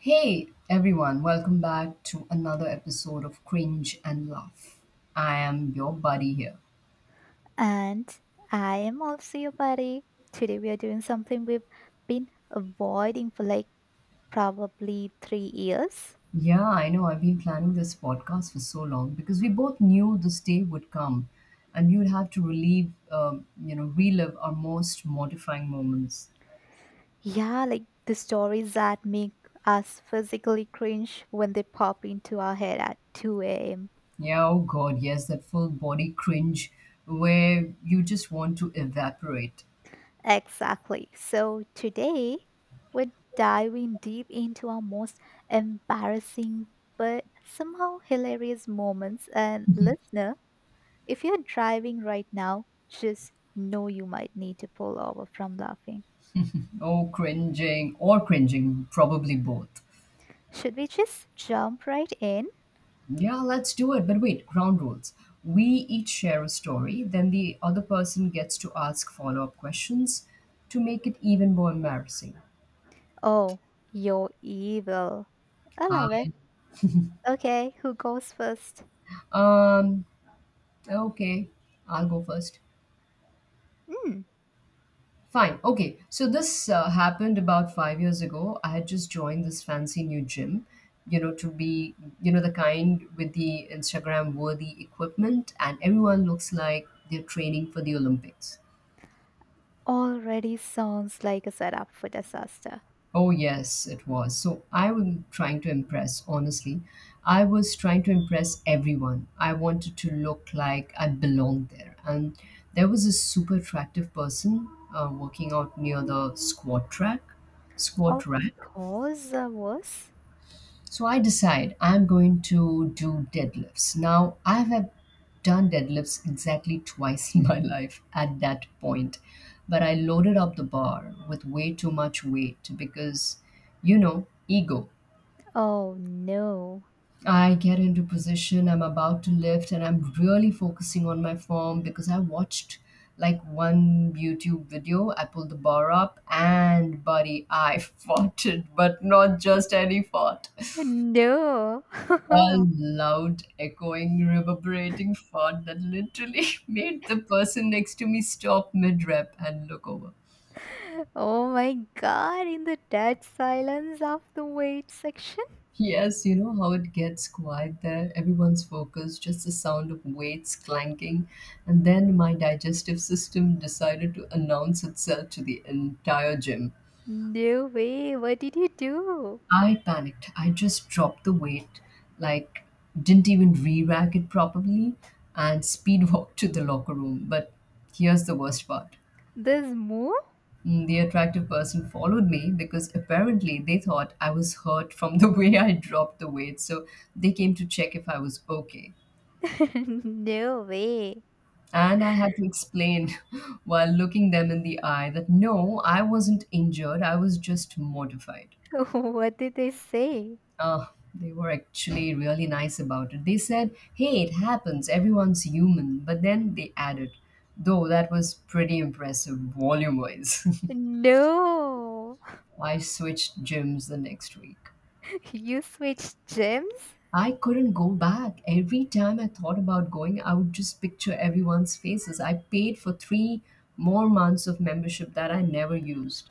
Hey everyone, welcome back to another episode of Cringe and Laugh. I am your buddy here. And I am also your buddy. Today we are doing something we've been avoiding for probably 3 years. Yeah, I know I've been planning this podcast for so long because we both knew this day would come and we would have to relive, relive our most mortifying moments. Yeah, like the stories that make us physically cringe when they pop into our head at 2 a.m. Yeah, oh god, yes, that full body cringe where you just want to evaporate. Exactly. So today we're diving deep into our most embarrassing but somehow hilarious moments. And listener, if you're driving right now, just know you might need to pull over from laughing. Oh, cringing or cringing, probably both. Should we just jump right in? Yeah, let's do it. But wait, ground rules. We each share a story, then the other person gets to ask follow up questions to make it even more embarrassing. Oh, you're evil. I I, love it. Okay, who goes first? um, okay, I'll go first. Hmm, Fine. Okay, so this happened about 5 years ago. I had just joined this fancy new gym, you know, to be the kind with the Instagram worthy equipment, and everyone looks like they're training for the Olympics. already sounds like a setup for disaster. Oh, yes, it was. So I was trying to impress, honestly. I was trying to impress everyone. I wanted to look like I belonged there. And there was a super attractive person working out near the squat Of rack. course I was. So I decide I'm going to do deadlifts. Now, I have done deadlifts exactly twice in my life at that point, but I loaded up the bar with way too much weight because, you know, ego. Oh no. I get into position, I'm about to lift, and I'm really focusing on my form because I watched like one YouTube video. I pulled the bar up, and buddy, I fought it, but not just any fought. No. A loud, echoing, reverberating fart that literally made the person next to me stop mid rep and look over. Oh my god, in the dead silence of the wait section? Yes, you know how it gets quiet there. Everyone's focused, just the sound of weights clanking. And then my digestive system decided to announce itself to the entire gym. No way, what did you do? I panicked. I just dropped the weight, like, didn't even re rack it properly, and speed walked to the locker room. But here's the worst part. This move? The attractive person followed me because apparently they thought I was hurt from the way I dropped the weight, so they came to check if I was okay. No way. And I had to explain while looking them in the eye that no, I wasn't injured. I was just mortified. What did they say? Ah, they were actually really nice about it. They said, hey, it happens. Everyone's human. But then they added, though that was pretty impressive volume wise. No, I switched gyms the next week. you switched gyms? I couldn't go back. Every time I thought about going, I would just picture everyone's faces. I paid for three more months of membership that I never used.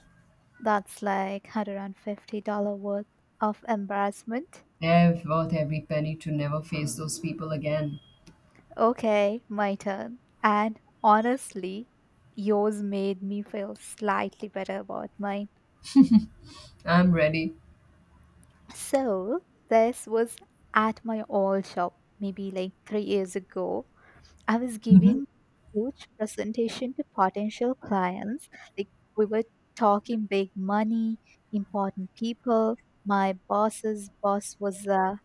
That's like $150 worth of embarrassment. I've worth every penny to never face those people again. Okay, my turn. And honestly, yours made me feel slightly better about mine. I'm ready. So, this was at my old shop, maybe like 3 years ago. I was Mhm. giving huge presentation to potential clients. Like we were talking big money, important people. My boss's boss was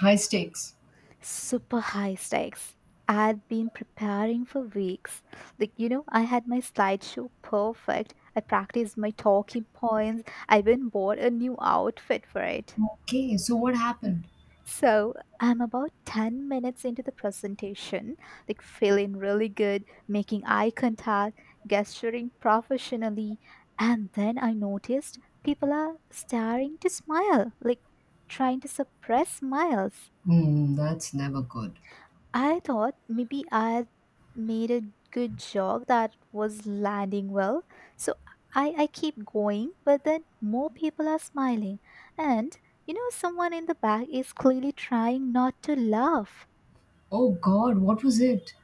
High stakes. super high stakes. I had been preparing for weeks. Like you know, I had my slideshow perfect. I practiced my talking points. I even bought a new outfit for it. Okay, so what happened? So I'm about 10 minutes into the presentation, like feeling really good, making eye contact, gesturing professionally, and then I noticed people are starting to smile, like trying to suppress smiles. Hmm, that's never good. I thought maybe I made a good joke that was landing well, so I keep going, but then more people are smiling, and you know, someone in the back is clearly trying not to laugh. Oh God, what was it?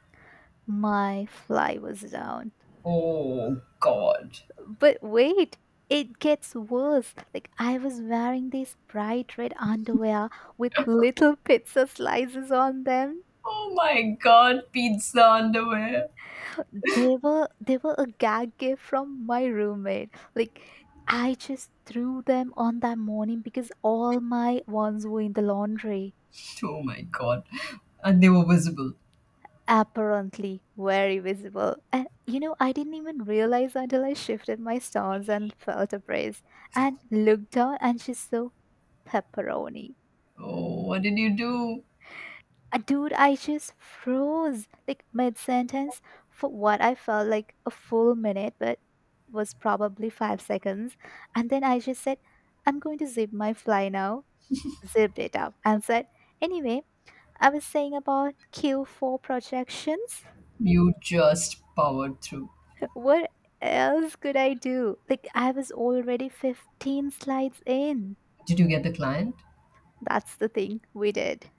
My fly was down. Oh God. But wait, it gets worse. Like, I was wearing these bright red underwear with little pizza slices on them. Oh my God, pizza underwear. They were a gag gift from my roommate. Like, I just threw them on that morning because all my ones were in the laundry. Oh my God. And they were visible. Apparently, very visible. And you know, I didn't even realize until I shifted my stance and felt a breeze and looked down and she saw pepperoni. Oh, what did you do? Dude, I just froze like mid sentence for what I felt like a full minute, but was probably 5 seconds. And then I just said, I'm going to zip my fly now, zipped it up, and said, anyway, I was saying about Q4 projections. You just powered through. What else could I do? Like, I was already 15 slides in. Did you get the client? That's the thing we did.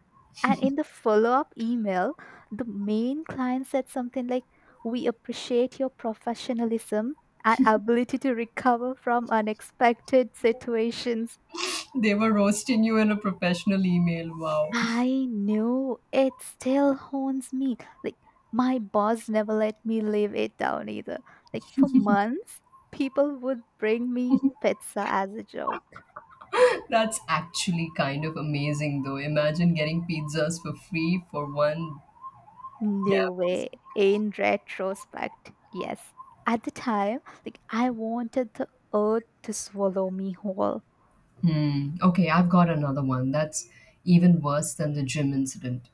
And in the follow up email, the main client said something like, we appreciate your professionalism and ability to recover from unexpected situations. They were roasting you in a professional email. Wow. I know it still haunts me. Like, my boss never let me live it down either. Like, for months, people would bring me pizza as a joke. That's actually kind of amazing, though. Imagine getting pizzas for free for one New gap. way in retrospect. Yes. At the time, like I wanted the earth to swallow me whole. Hmm. Okay, I've got another one. That's even worse than the gym incident.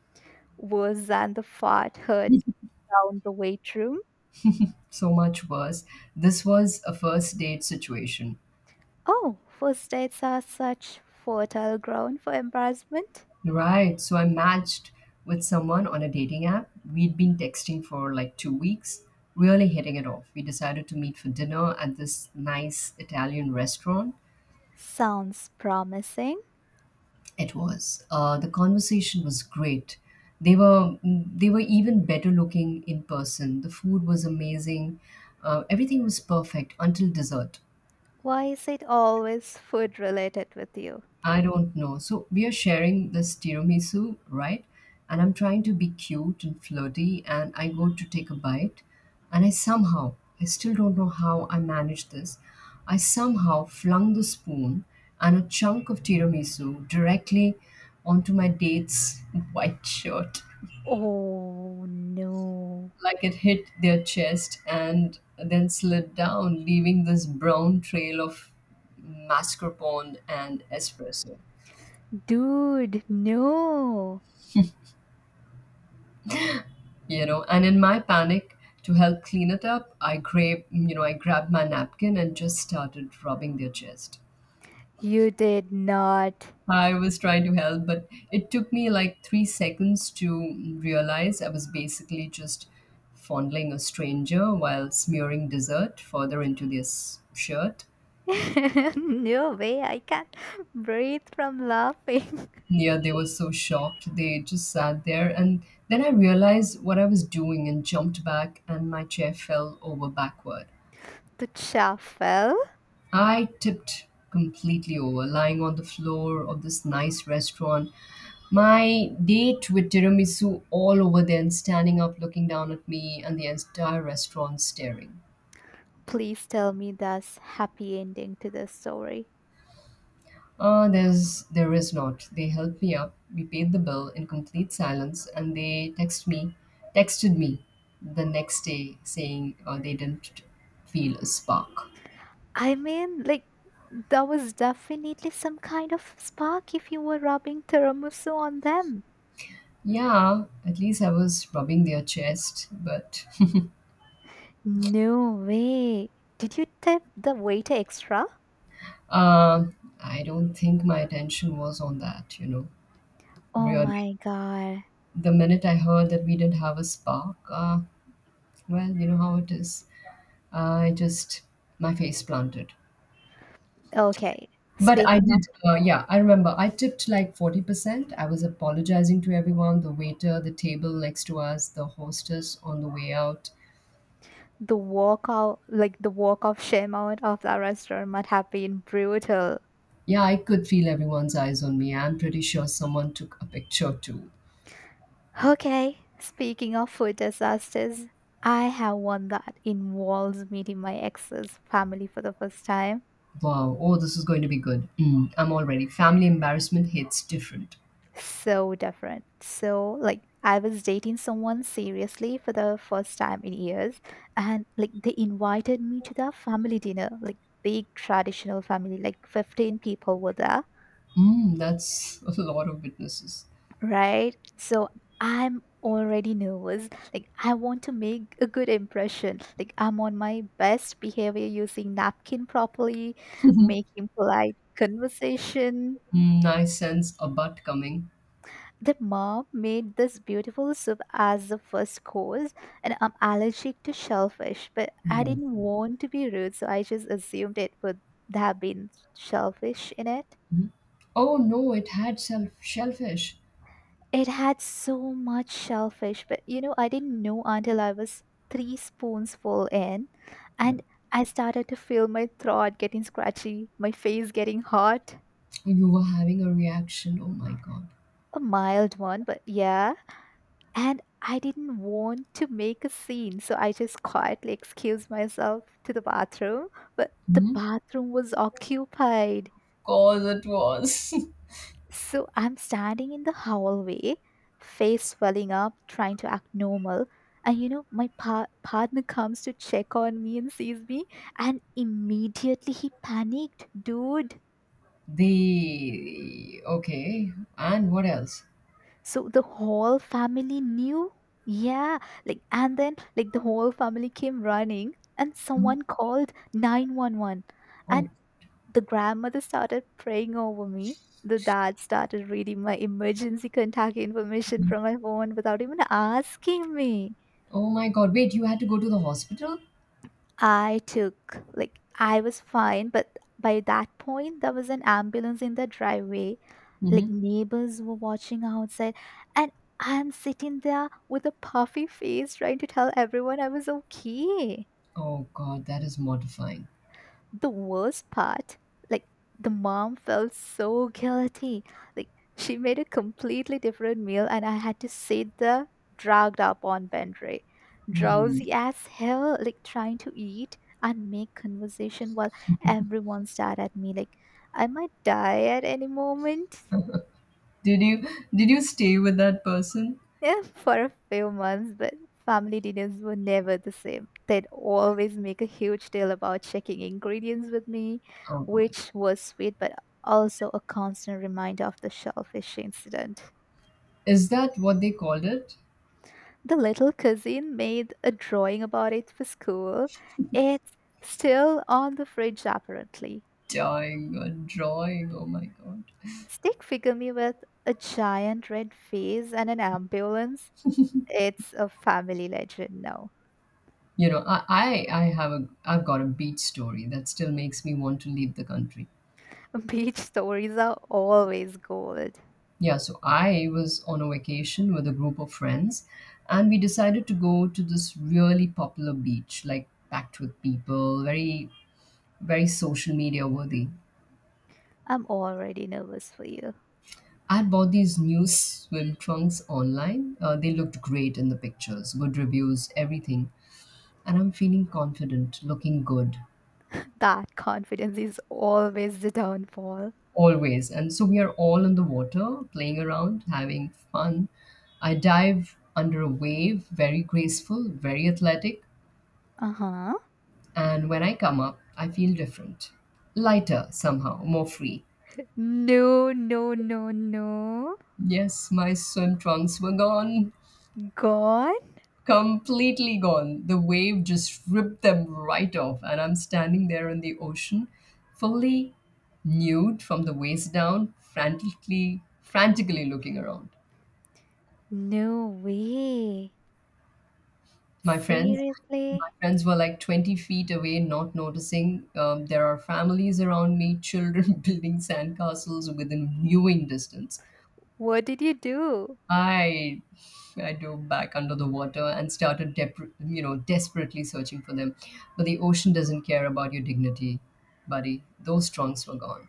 Worse than the fart heard down the weight room. So much worse. This was a first date situation. Oh, first dates are such fertile ground for embarrassment. Right. So I matched with someone on a dating app. We'd been texting for like 2 weeks, really hitting it off. We decided to meet for dinner at this nice Italian restaurant. Sounds promising. It was. The conversation was great. They were they were even better looking in person. The food was amazing. Everything was perfect until dessert. Why is it always food related with you? I don't know. So we are sharing this tiramisu, right? And I'm trying to be cute and flirty, and I go to take a bite, and I still don't know how I managed this. I somehow flung the spoon and a chunk of tiramisu directly onto my date's white shirt. Oh no. Like it hit their chest and then slid down, leaving this brown trail of mascarpone and espresso. Dude, no. You know, and in my panic to help clean it up, I grabbed my napkin and just started rubbing their chest. You did not. I was trying to help, but it took me like 3 seconds to realize I was basically just fondling a stranger while smearing dessert further into their shirt. No way, I can't breathe from laughing. Yeah, they were so shocked. They just sat there. And then I realized what I was doing and jumped back, and my chair fell over backward. The Duchafel, I tipped completely over, lying on the floor of this nice restaurant. My date with tiramisu all over there and standing up, looking down at me, and the entire restaurant staring. please tell me that's happy ending to the story. There is not. They helped me up. We paid the bill in complete silence, and texted me, the next day saying they didn't feel a spark. I mean, like, that was definitely some kind of spark if you were rubbing tiramisu on them. Yeah, at least I was rubbing their chest, but No way. Did you tip the waiter extra? uh, I don't think my attention was on that. You know, Oh really. my god. The minute I heard that we didn't have a spark, well, you know how it is. I just my face planted. Okay. But I Speaking of did, yeah, I remember I tipped like 40%. I was apologizing to everyone, the waiter, the table next to us, the hostess on the way out. the walk out, like the walk of shame out of that restaurant might have been brutal. Yeah, I could feel everyone's eyes on me. I'm pretty sure someone took a picture too. Okay, speaking of food disasters, I have one that involves meeting my ex's family for the first time. Wow, oh, this is going to be good. Mm, I'm already family embarrassment hits different. So different. So, like, I was dating someone seriously for the first time in years, and like, they invited me to their family dinner, like, big traditional family, like, 15 people were there. Mm, that's a lot of witnesses. Right? So I'm already nervous. Like, I want to make a good impression. Like, I'm on my best behavior using napkin properly, making polite conversation. Mm, I sense a butt coming. The mom made this beautiful soup as the first course, and I'm allergic to shellfish, but I Whoa. didn't want to be rude, so I just assumed it would have been shellfish in it. Mhm. Oh no, it had shellfish. It had so much shellfish, but you know, I didn't know until I was three spoons full in, and I started to feel my throat getting scratchy, my face getting hot. You were having a reaction. Oh my god. A mild one, but yeah. And I didn't want to make a scene, so I just quietly excused myself to the bathroom, but the Mhm. bathroom was occupied. Cause it was. So I'm standing in the hallway, face swelling up, trying to act normal. And you know, my partner comes to check on me and sees me, and immediately he panicked, dude. The okay, and what else? So the whole family knew. Yeah, like, and then, like, the whole family came running, and Mhm. someone called 911. And Oh, the grandmother started praying over me. The dad started reading my emergency contact information Mhm. from my phone without even asking me. Oh my God! Wait, you had to go to the hospital? I took, like, I was fine, but by that point, there was an ambulance in the driveway. Like, Mhm. neighbors were watching outside, and I'm sitting there with a puffy face trying to tell everyone I was okay. Oh God, that is mortifying. The worst part, like the mom felt so guilty. Like she made a completely different meal and I had to sit there dragged up on bed Hmm. drowsy as hell, like trying to eat and make conversation while everyone stared at me like I might die at any moment. Did you stay with that person? Yeah, for a few months, but family dinners were never the same. They'd always make a huge deal about checking ingredients with me, Oh God, which was sweet, but also a constant reminder of the shellfish incident. is that what they called it? The little cousin made a drawing about it for school. It's still on the fridge, apparently. Dying or drawing. Oh my god. Stick figure me with a giant red face and an ambulance. It's a family legend now. You know, I've got a beach story that still makes me want to leave the country. Beach stories are always gold. Yeah, so I was on a vacation with a group of friends, and we decided to go to this really popular beach, like packed with people, very, very social media worthy. I'm already nervous for you. I had bought these new swim trunks online. They looked great in the pictures, good reviews, everything. And I'm feeling confident, looking good, That confidence is always the downfall. always. And so we are all in the water, playing around, having fun. I dive under a wave, very graceful, very athletic. Uh huh. And when I come up, I feel different. Lighter, somehow, more free. No, no, no, no. Yes, my swim trunks were gone. God? Completely gone. The wave just ripped them right off, and I'm standing there in the ocean, fully nude from the waist down, frantically looking around. No way. My friends, my Seriously? friends were like 20 feet away, not noticing. There are families around me, children building sandcastles within viewing distance. What did you do? I I dove back under the water and started desperately searching for them. But the ocean doesn't care about your dignity, buddy. Those trunks were gone.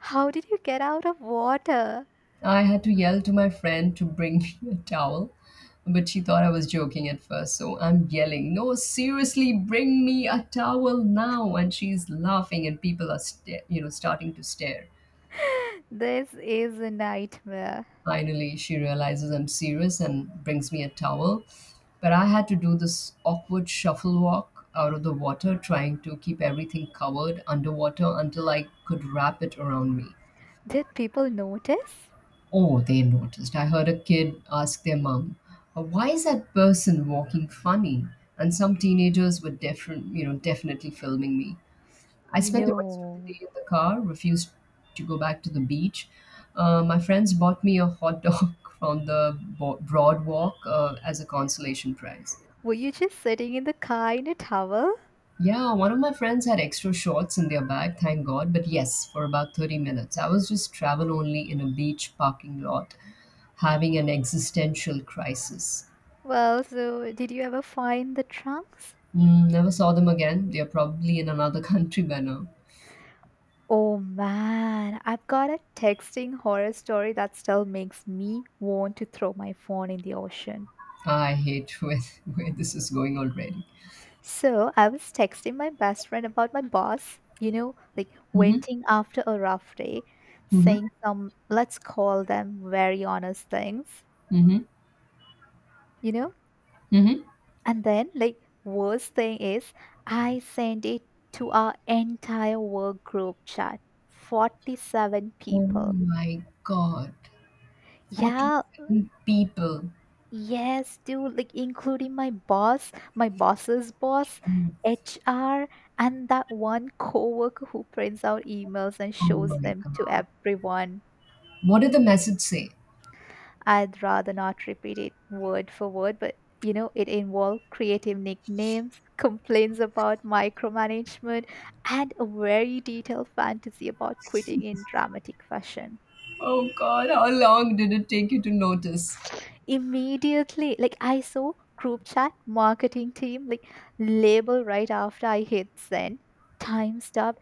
How did you get out of water? I had to yell to my friend to bring me a towel, but she thought I was joking at first. So I'm yelling, "No, seriously, bring me a towel now!" And she's laughing, and people are starting to stare. This is a nightmare. Finally, she realizes I'm serious and brings me a towel. But I had to do this awkward shuffle walk out of the water, trying to keep everything covered underwater until I could wrap it around me. Did people notice? Oh, they noticed. I heard a kid ask their mom, Why is that person walking funny?" And some teenagers were different, you know, definitely filming me. I spent the rest of the No. day in the car, refused to go back to the beach. My friends bought me a hot dog from the broad walk as a consolation prize. Were you just sitting in the car in a towel? Yeah, one of my friends had extra shorts in their bag, thank God. But yes, for about 30 minutes, I was just travel only in a beach parking lot, having an existential crisis. Well, so did you ever find the trunks? Mm, never saw them again. They are probably in another country by now. Oh man, I've got a texting horror story that still makes me want to throw my phone in the ocean. I hate where this is going already. So, I was texting my best friend about my boss, you know, like Mm-hmm, venting after a rough day, mm-hmm, saying some, let's call them very honest things, mm-hmm, you know? mm-hmm. And then, like, worst thing is, I sent it to our entire work group chat, 47 Oh people. my God, Yeah, 47 people. yes, dude, like including my boss, my boss's boss, Mm. HR, and that one coworker who prints out emails and Oh shows my them to God. everyone. What did the message say? I'd rather not repeat it word for word, but you know, it involved creative nicknames, complaints about micromanagement, and a very detailed fantasy about quitting in dramatic fashion. Oh God, how long did it take you to notice? Immediately, like I saw group chat, marketing team, like label right after I hit send. Time stopped.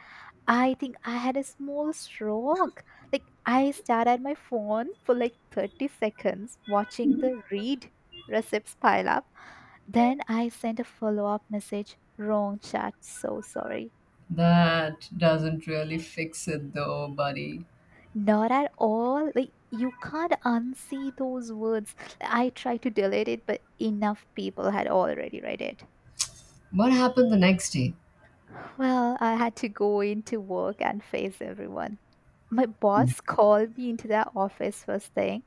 I think I had a small stroke. Like I stared at my phone for like 30 seconds, watching the read receipts pile up. Then I sent a follow up message. Wrong chat. So sorry. That doesn't really fix it though, buddy. Not at all. Like you can't unsee those words. I tried to delete it, but enough people had already read it. What happened the next day? Well, I had to go into work and face everyone. My boss called me into the office first thing.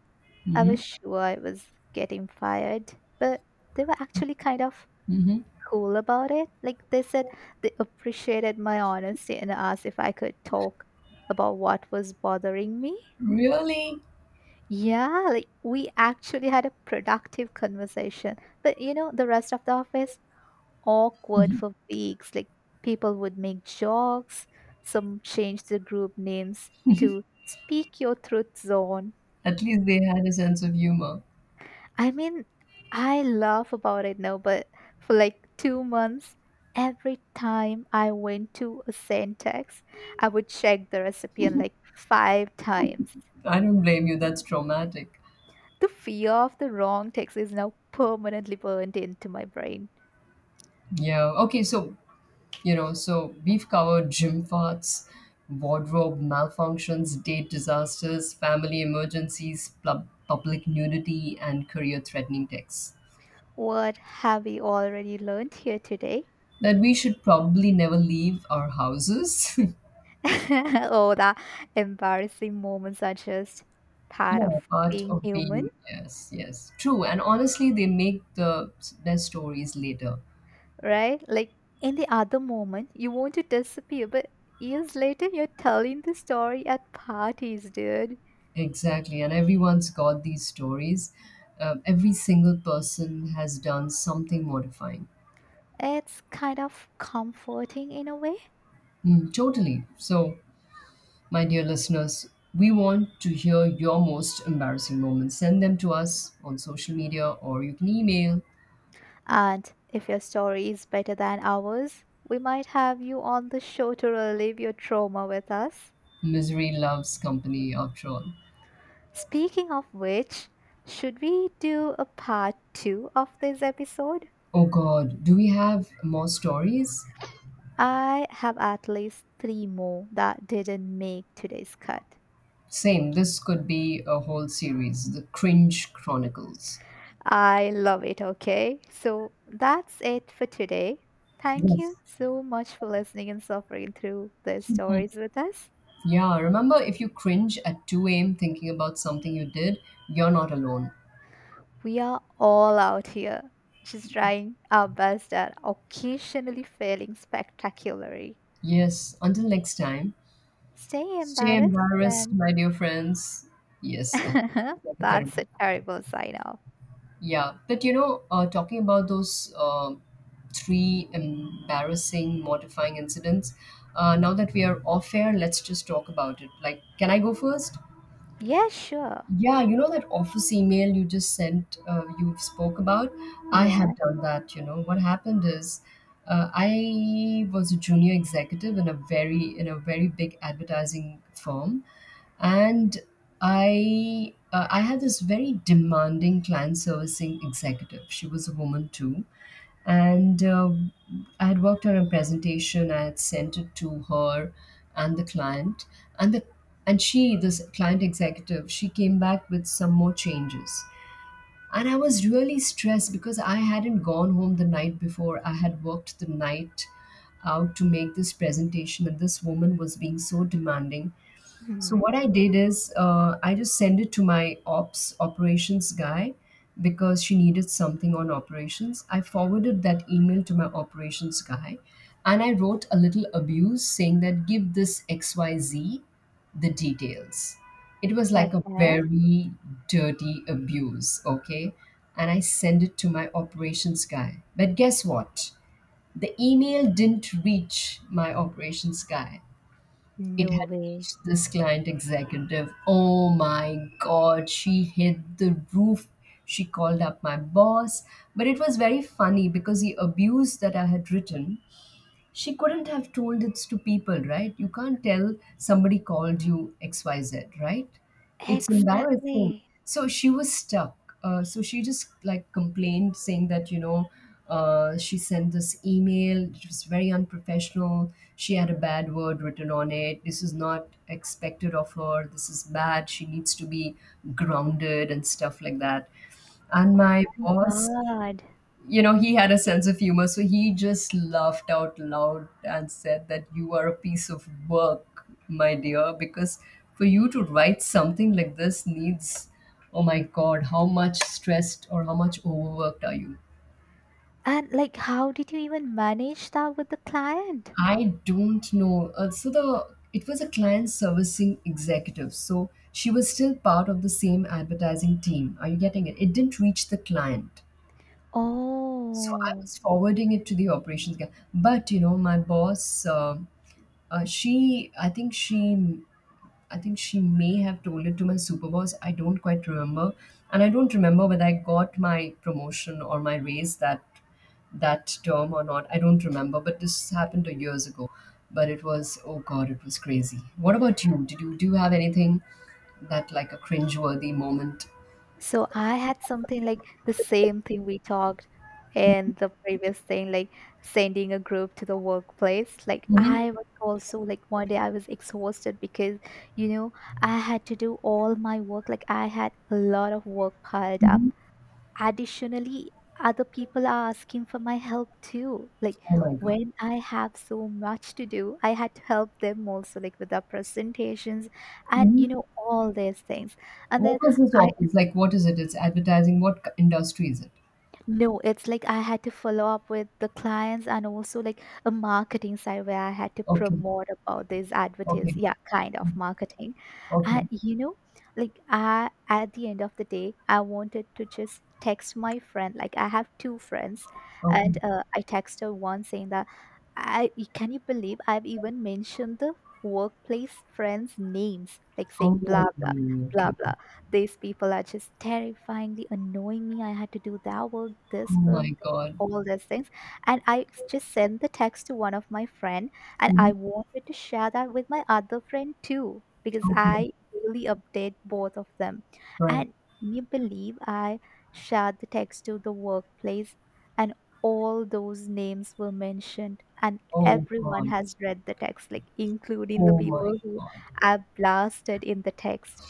I Mm-hmm. was sure I was getting fired, but they were actually kind of Mm-hmm. cool about it. Like they said they appreciated my honesty and asked if I could talk about what was bothering me. Really? Yeah, like we actually had a productive conversation. But you know, the rest of the office, awkward for weeks. Like people would make jokes. Some changed the group names to Speak Your Truth Zone. At least they had a sense of humor. I mean, I laugh about it now, but for like 2 months, every time I went to a syntax, I would check the recipient like 5 times. I don't blame you, that's traumatic. The fear of the wrong text is now permanently burned into my brain. Yeah. Okay, so you know, so we've covered gym farts, wardrobe malfunctions, date disasters, family emergencies, public nudity, and career threatening texts. What have we already learned here today? That we should probably never leave our houses. Oh, the embarrassing moments are just part of Yeah, part being of human, being, yes, yes, true. And honestly, they make the best stories later. right? Like in the other moment, you want to disappear, but years later, you're telling the story at parties, dude. Exactly. And everyone's got these stories. Every single person has done something mortifying. It's kind of comforting in a way. Mm, totally. So, my dear listeners, we want to hear your most embarrassing moments. Send them to us on social media or you can email And if your story is better than ours, we might have you on the show to relieve your trauma with us. Misery Loves Company after all. Speaking of which, should we do a part two of this episode? Oh God, do we have more stories? I have at least three more that didn't make today's cut. Same, this could be a whole series, The Cringe Chronicles. I love it, okay? So that's it for today. Thank you Yes. so much for listening and suffering through these stories with us. Yeah, remember if you cringe at 2 a.m. thinking about something you did, you're not alone. We are all out here just trying our best at occasionally failing spectacularly. Yes, until next time, Stay stay embarrassed, embarrassed, friends. my dear friends. Yes, that's like a terrible. That's a terrible sign off. Yeah, but you know, talking about those three embarrassing, mortifying incidents, now that we are off air, let's just talk about it. Like, can I go first? Yeah, sure. Yeah, you know that office email you just sent, you spoke about? I Yeah. have done that, you know. What happened is I was a junior executive in a very big advertising firm, and I had this very demanding client servicing executive. She was a woman too, and I had worked on a presentation. I had sent it to her and the client, and the and she, this client executive, she came back with some more changes. And I was really stressed because I hadn't gone home the night before. I had worked the night out to make this presentation, and this woman was being so demanding. So Hmm. what I did is, I just sent it to my ops operations guy because she needed something on operations. I forwarded that email to my operations guy and I wrote a little abuse saying that give this XYZ the details. It was like a Okay. very dirty abuse, okay? And I sent it to my operations guy. But guess what? The email didn't reach my operations guy, it No had way. reached this client executive. Oh my God, she hit the roof. She called up my boss. But it was very funny because the abuse that I had written, she couldn't have told it to people, right? You can't tell somebody called you XYZ, right? It's embarrassing. Exactly. So she was stuck. So she just like complained, saying that, you know, she sent this email. It was very unprofessional. She had a bad word written on it. This is not expected of her. This is bad. She needs to be grounded and stuff like that. And Oh my my boss, God. you know, he had a sense of humor, so he just laughed out loud and said that you are a piece of work, my dear, because for you to write something like this needs, oh my god, how much stressed or how much overworked are you? And like, how did you even manage that with the client? I don't know. So the it was a client servicing executive. So she was still part of the same advertising team. Are you getting it? It didn't reach the client. So I Oh, was forwarding it to the operations guy. But you know, my boss, Uh, she, I think she, I think she may have told it to my super boss. I don't quite remember, and I don't remember whether I got my promotion or my raise that term or not. I don't remember, but this happened 2 years ago. But it was, oh god, it was crazy. What about you? Did you Do you have anything that, like, a cringeworthy moment? so I had something like the same thing we talked in the previous thing, like sending a group to the workplace. Like, Mm-hmm. I was also like one day I was exhausted because you know, I had to do all my work. Like, I had a lot of work piled Hmm. up. Additionally, other people are asking for my help too. Like Oh my god. when I have so much to do, I had to help them also, like with their presentations and Hmm. you know, all these things. And What then was this I office like? What is it? It's advertising. Industry is it? No, it's like I had to follow up with the clients and also like a marketing side where I had to Okay, promote about this okay, advertise, yeah, kind of marketing. okay, And you know, like I at the end of the day, I wanted to just text my friend. Like I have two friends, okay. and I texted her one saying that I can you believe I've even mentioned the workplace friends' names, like Oh, saying blah blah blah okay. blah, these people are just terrifyingly annoying me. I had to do that Oh work, my this, God. all these things. And I just sent the text to one of my friend, and I Mhm. wanted to share that with my other friend too because Okay. I daily update both of them. Right. And can you believe I shared the text to the workplace, and all those names were mentioned and Oh everyone God. has read the text, like including the Oh my people who God. I blasted in the text.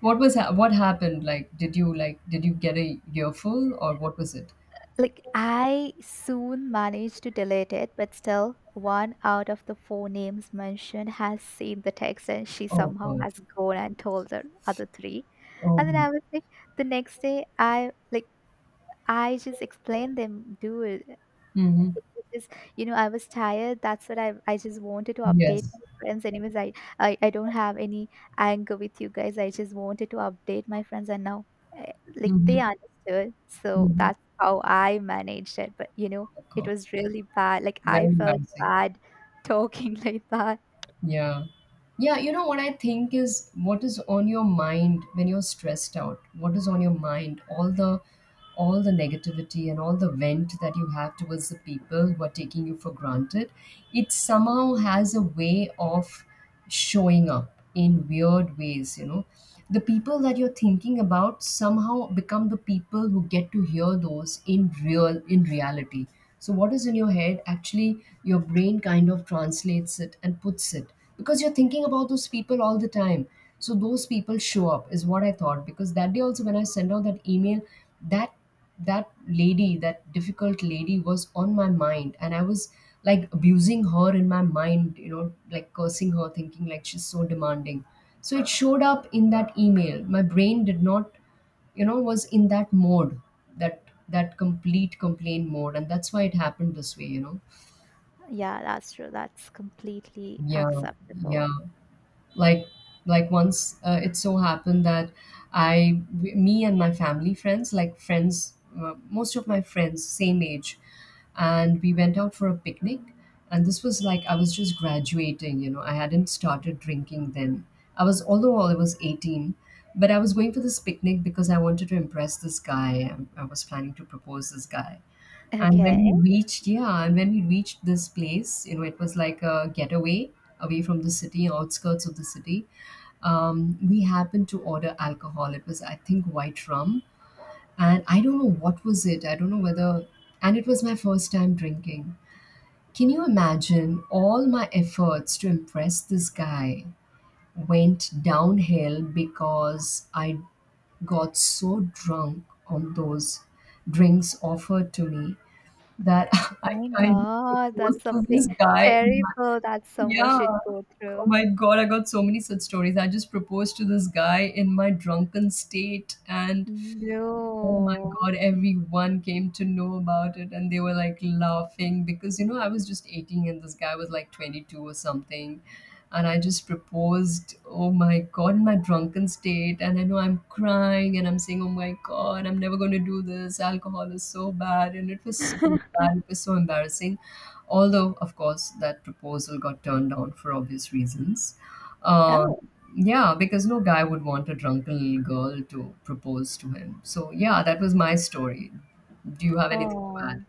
What was ha What happened? Like, did you get a earful, or what was it? Like I soon managed to delete it, but still, one out of the four names mentioned has seen the text, and she Oh somehow God. has gone and told the other three. Oh. And then I was like, the next day, I like I just explained them, dude. Mm-hmm. Just, you know, I was tired. That's what I just wanted to update Yes. my friends. Anyways, I don't have any anger with you guys. I just wanted to update my friends, and now like Mm-hmm. they understood. So Mm-hmm. that's how I managed it. But you know, Oh it God. was really bad. Like Very I felt embarrassing. bad talking like that. Yeah. Yeah, you know what I think is, what is on your mind when you're stressed out? What is on your mind? All the negativity and all the vent that you have towards the people who are taking you for granted, it somehow has a way of showing up in weird ways, you know. The people that you're thinking about somehow become the people who get to hear those in reality. So what is in your head, actually your brain kind of translates it and puts it, because you're thinking about those people all the time. So those people show up is what I thought, because that day also when I sent out that email, that that lady, that difficult lady, was on my mind, and I was like abusing her in my mind, you know, like cursing her, thinking like she's so demanding. So it showed up in that email. My brain did not, you know, was in that mode, that that complete complaint mode. And that's why it happened this way, you know. Yeah, that's true. That's completely Yeah, yeah. acceptable. like like once, it so happened that me and my family friends, most of my friends same age, and we went out for a picnic. And this was like, I was just graduating, you know, I hadn't started drinking then. I was, although I was 18, but I was going for this picnic because I wanted to impress this guy. I was planning to propose this guy, and when Okay. we Oh reached, yeah, and when we reached this place, you know, it was like a getaway away from the city, outskirts of the city. We happened to order alcohol. It was, I think, white rum. And I don't know what was it. I don't know whether, and it was my first time drinking. Can you imagine, all my efforts to impress this guy went downhill because I got so drunk on those drinks offered to me that I my kind of God, proposed that's to this something guy terrible that someone Yeah. should go Oh through. my God, I got so many such stories. I just proposed to this guy in my drunken state, and oh my No. God, everyone came to know about it, and they were like laughing because, you know, I was just 18 and this guy was like 22 or something. And I just proposed, oh my God, in my drunken state. And I know I'm crying and I'm saying, oh my God, I'm never going to do this. Alcohol is so bad. And it was so bad. It was so embarrassing. Although, of course, that proposal got turned down for obvious reasons. Uh, Oh, yeah, because no guy would want a drunken girl to propose to him. So, yeah, that was my story. Do you have anything to add, oh.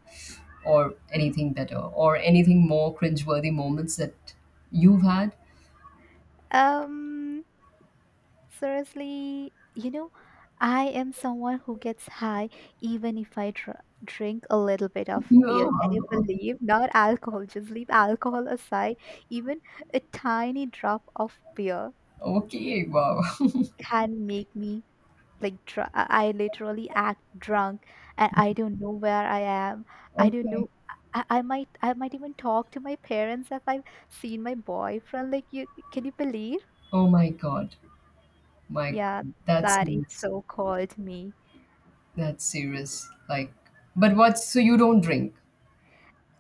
or anything better, or anything more cringeworthy moments that you've had? Um, Seriously, you know, I am someone who gets high even if I dr drink a little bit of beer. No. Can you Oh. believe? Not alcohol, just leave alcohol aside. Even a tiny drop of beer Okay. Wow. can make me like dr I literally act drunk, and I don't know where I am. I don't Okay. know. I might even talk to my parents if I've seen my boyfriend. Like you, can you believe? Oh my God. My Yeah, God. That's that is serious. so called me. That's serious. Like, but what's, so you don't drink?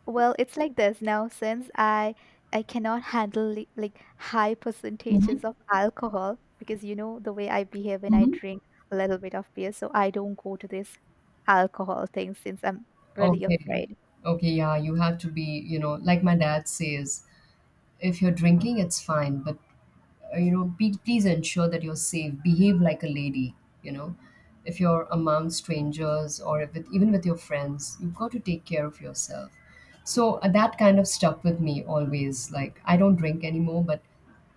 Well, it's like this now since I cannot handle like high percentages Mm-hmm. of alcohol because you know the way I behave when I Mm-hmm. drink a little bit of beer, so I don't go to this alcohol thing since I'm really Okay. afraid. Okay. Yeah. You have to be, you know, like my dad says, if you're drinking, it's fine, but you know, be, please ensure that you're safe. Behave like a lady. You know, if you're among strangers, or if it, even with your friends, you've got to take care of yourself. So that kind of stuck with me always. Like, I don't drink anymore, but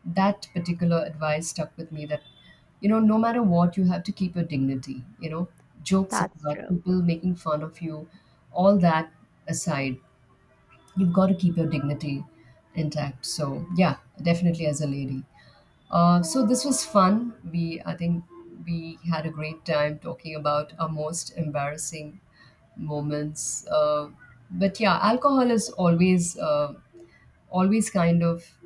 that particular advice stuck with me. That, you know, no matter what, you have to keep your dignity. You know, jokes That's apart, true. people making fun of you, all that aside, you've got to keep your dignity intact. So yeah, definitely as a lady. So this was fun. We I think we had a great time talking about our most embarrassing moments. But yeah, alcohol is always, always kind of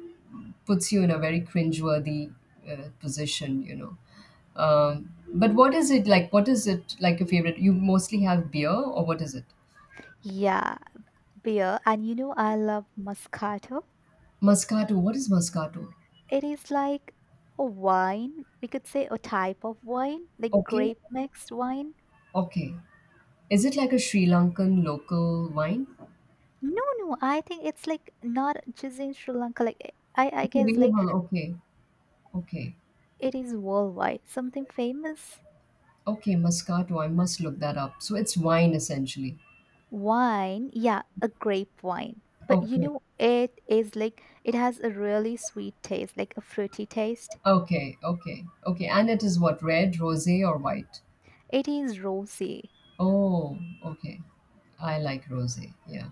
puts you in a very cringeworthy, position, you know. But what is it like? What is it like, your favorite? You mostly have beer, or what is it? Yeah, beer. And you know I love Moscato. Moscato. What is Moscato? It is like a wine, we could say a type of wine, like Okay, grape mixed wine. okay. Is it like a Sri Lankan local wine? No, no, I think it's like not just in Sri Lanka. Like eh, I It's guess like available. Okay. Okay. it is worldwide. Something famous. Okay. Moscato. I must look that up. So it's wine essentially. Wine, yeah, a grape wine. But you Okay. know, it is like it has a really sweet taste, like a fruity taste. Okay. Okay. Okay. And it is what? Red, rosé, or white? It is rosy. Oh, okay. I like rosé. Yeah.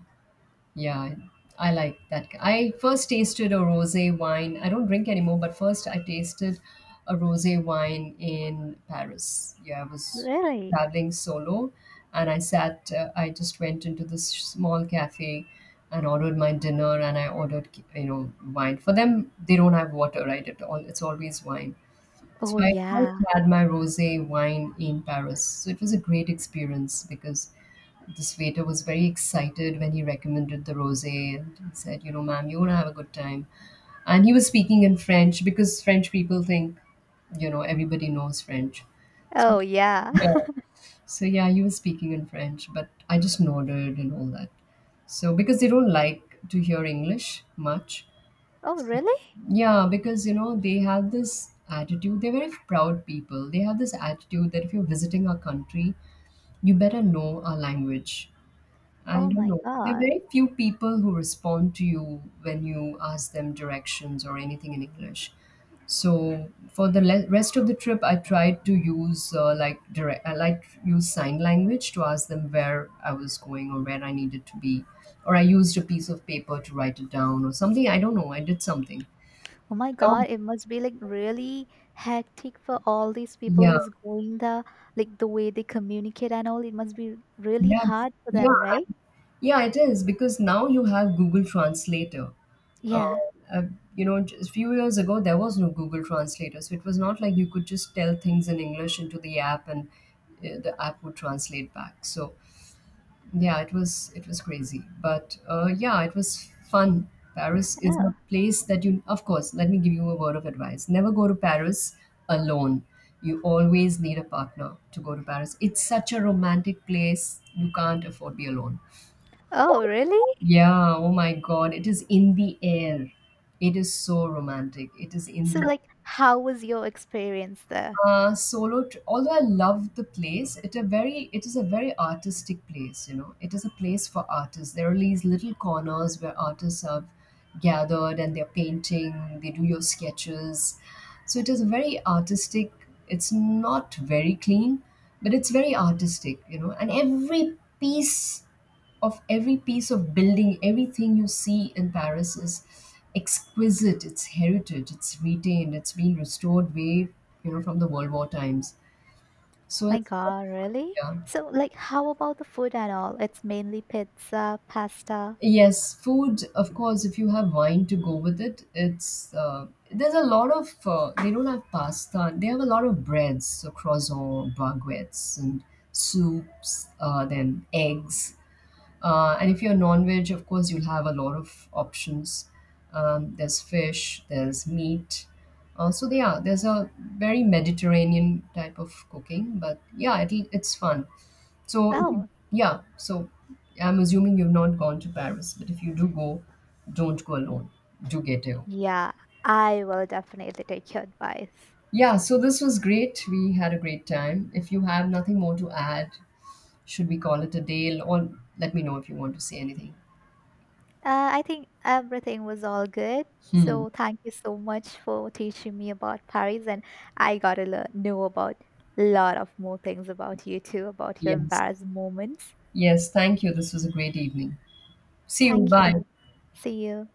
Yeah, I like that. I first tasted a rosé wine. I don't drink anymore, but first I tasted a rosé wine in Paris. Yeah, I was Really? traveling solo, and I sat, I just went into this small cafe and ordered my dinner, and I ordered, you know, wine. For them, they don't have water, right? It's always wine. So Oh I first yeah. had my rosé wine in Paris. So it was a great experience because this waiter was very excited when he recommended the rosé, and he said, you know, ma'am, you're gonna have a good time. And he was speaking in French, because French people think, you know, everybody knows French. Oh yeah. Yeah. So yeah, he was speaking in French, but I just nodded and all that. So because they don't like to hear English much. Oh really? Yeah, because you know, they have this attitude, they're very proud people. They have this attitude that if you're visiting our country, you better know our language. I Oh don't my know. There are God. very few people who respond to you when you ask them directions or anything in English. So for rest of the trip, I tried to use, like direct, I like use sign language to ask them where I was going or where I needed to be, or I used a piece of paper to write it down or something. I don't know. I did something. Oh my No, God, it must be like really hectic for all these people yeah, who's going there, like the way they communicate and all. It must be really yes, hard for yeah. them, right? Yeah, it is, because now you have Google Translator. Uh, Yeah. uh, you know, just a few years ago, there was no Google Translator. So it was not like you could just tell things in English into the app, and the app would translate back. So yeah, it was crazy. But yeah, it was fun. Paris is a Oh, place that you, of course, let me give you a word of advice. Never go to Paris alone. You always need a partner to go to Paris. It's such a romantic place. You can't afford to be alone. oh, really? Yeah, oh my God, it is in the air. It is so romantic. It is in So, the like, how was your experience there? Solo. Although I love the place, it is a very artistic place. You know, it is a place for artists. There are these little corners where artists have gathered and they're painting. They do your sketches, so it is very artistic. It's not very clean, but it's very artistic. You know, and every piece of building, everything you see in Paris is exquisite. It's heritage. It's retained. It's been restored way, you know, from the World War times. So My it's really God, really? fun. Yeah. So, like, how about the food and all? It's mainly pizza, pasta. Yes, food. Of course, if you have wine to go with it, it's, there's a lot of. They don't have pasta. They have a lot of breads, so croissant, baguettes, and soups. Then eggs. And if you're non-veg, of course, you'll have a lot of options. There's fish, there's meat. So yeah, there's a very Mediterranean type of cooking, but yeah, it'll, it's fun. So Oh, yeah, so I'm assuming you've not gone to Paris, but if you do go, don't go alone. Do get you. yeah, I will definitely take your advice. Yeah, so this was great. We had a great time. If you have nothing more to add, should we call it a day? Or let me know if you want to say anything. I think everything was all good. Hmm. So thank you so much for teaching me about Paris, and I got to learn, know about a lot of more things about you too, about your Yes. embarrassed moments. Yes, thank you. This was a great evening. See you. Thank Bye. you. See you.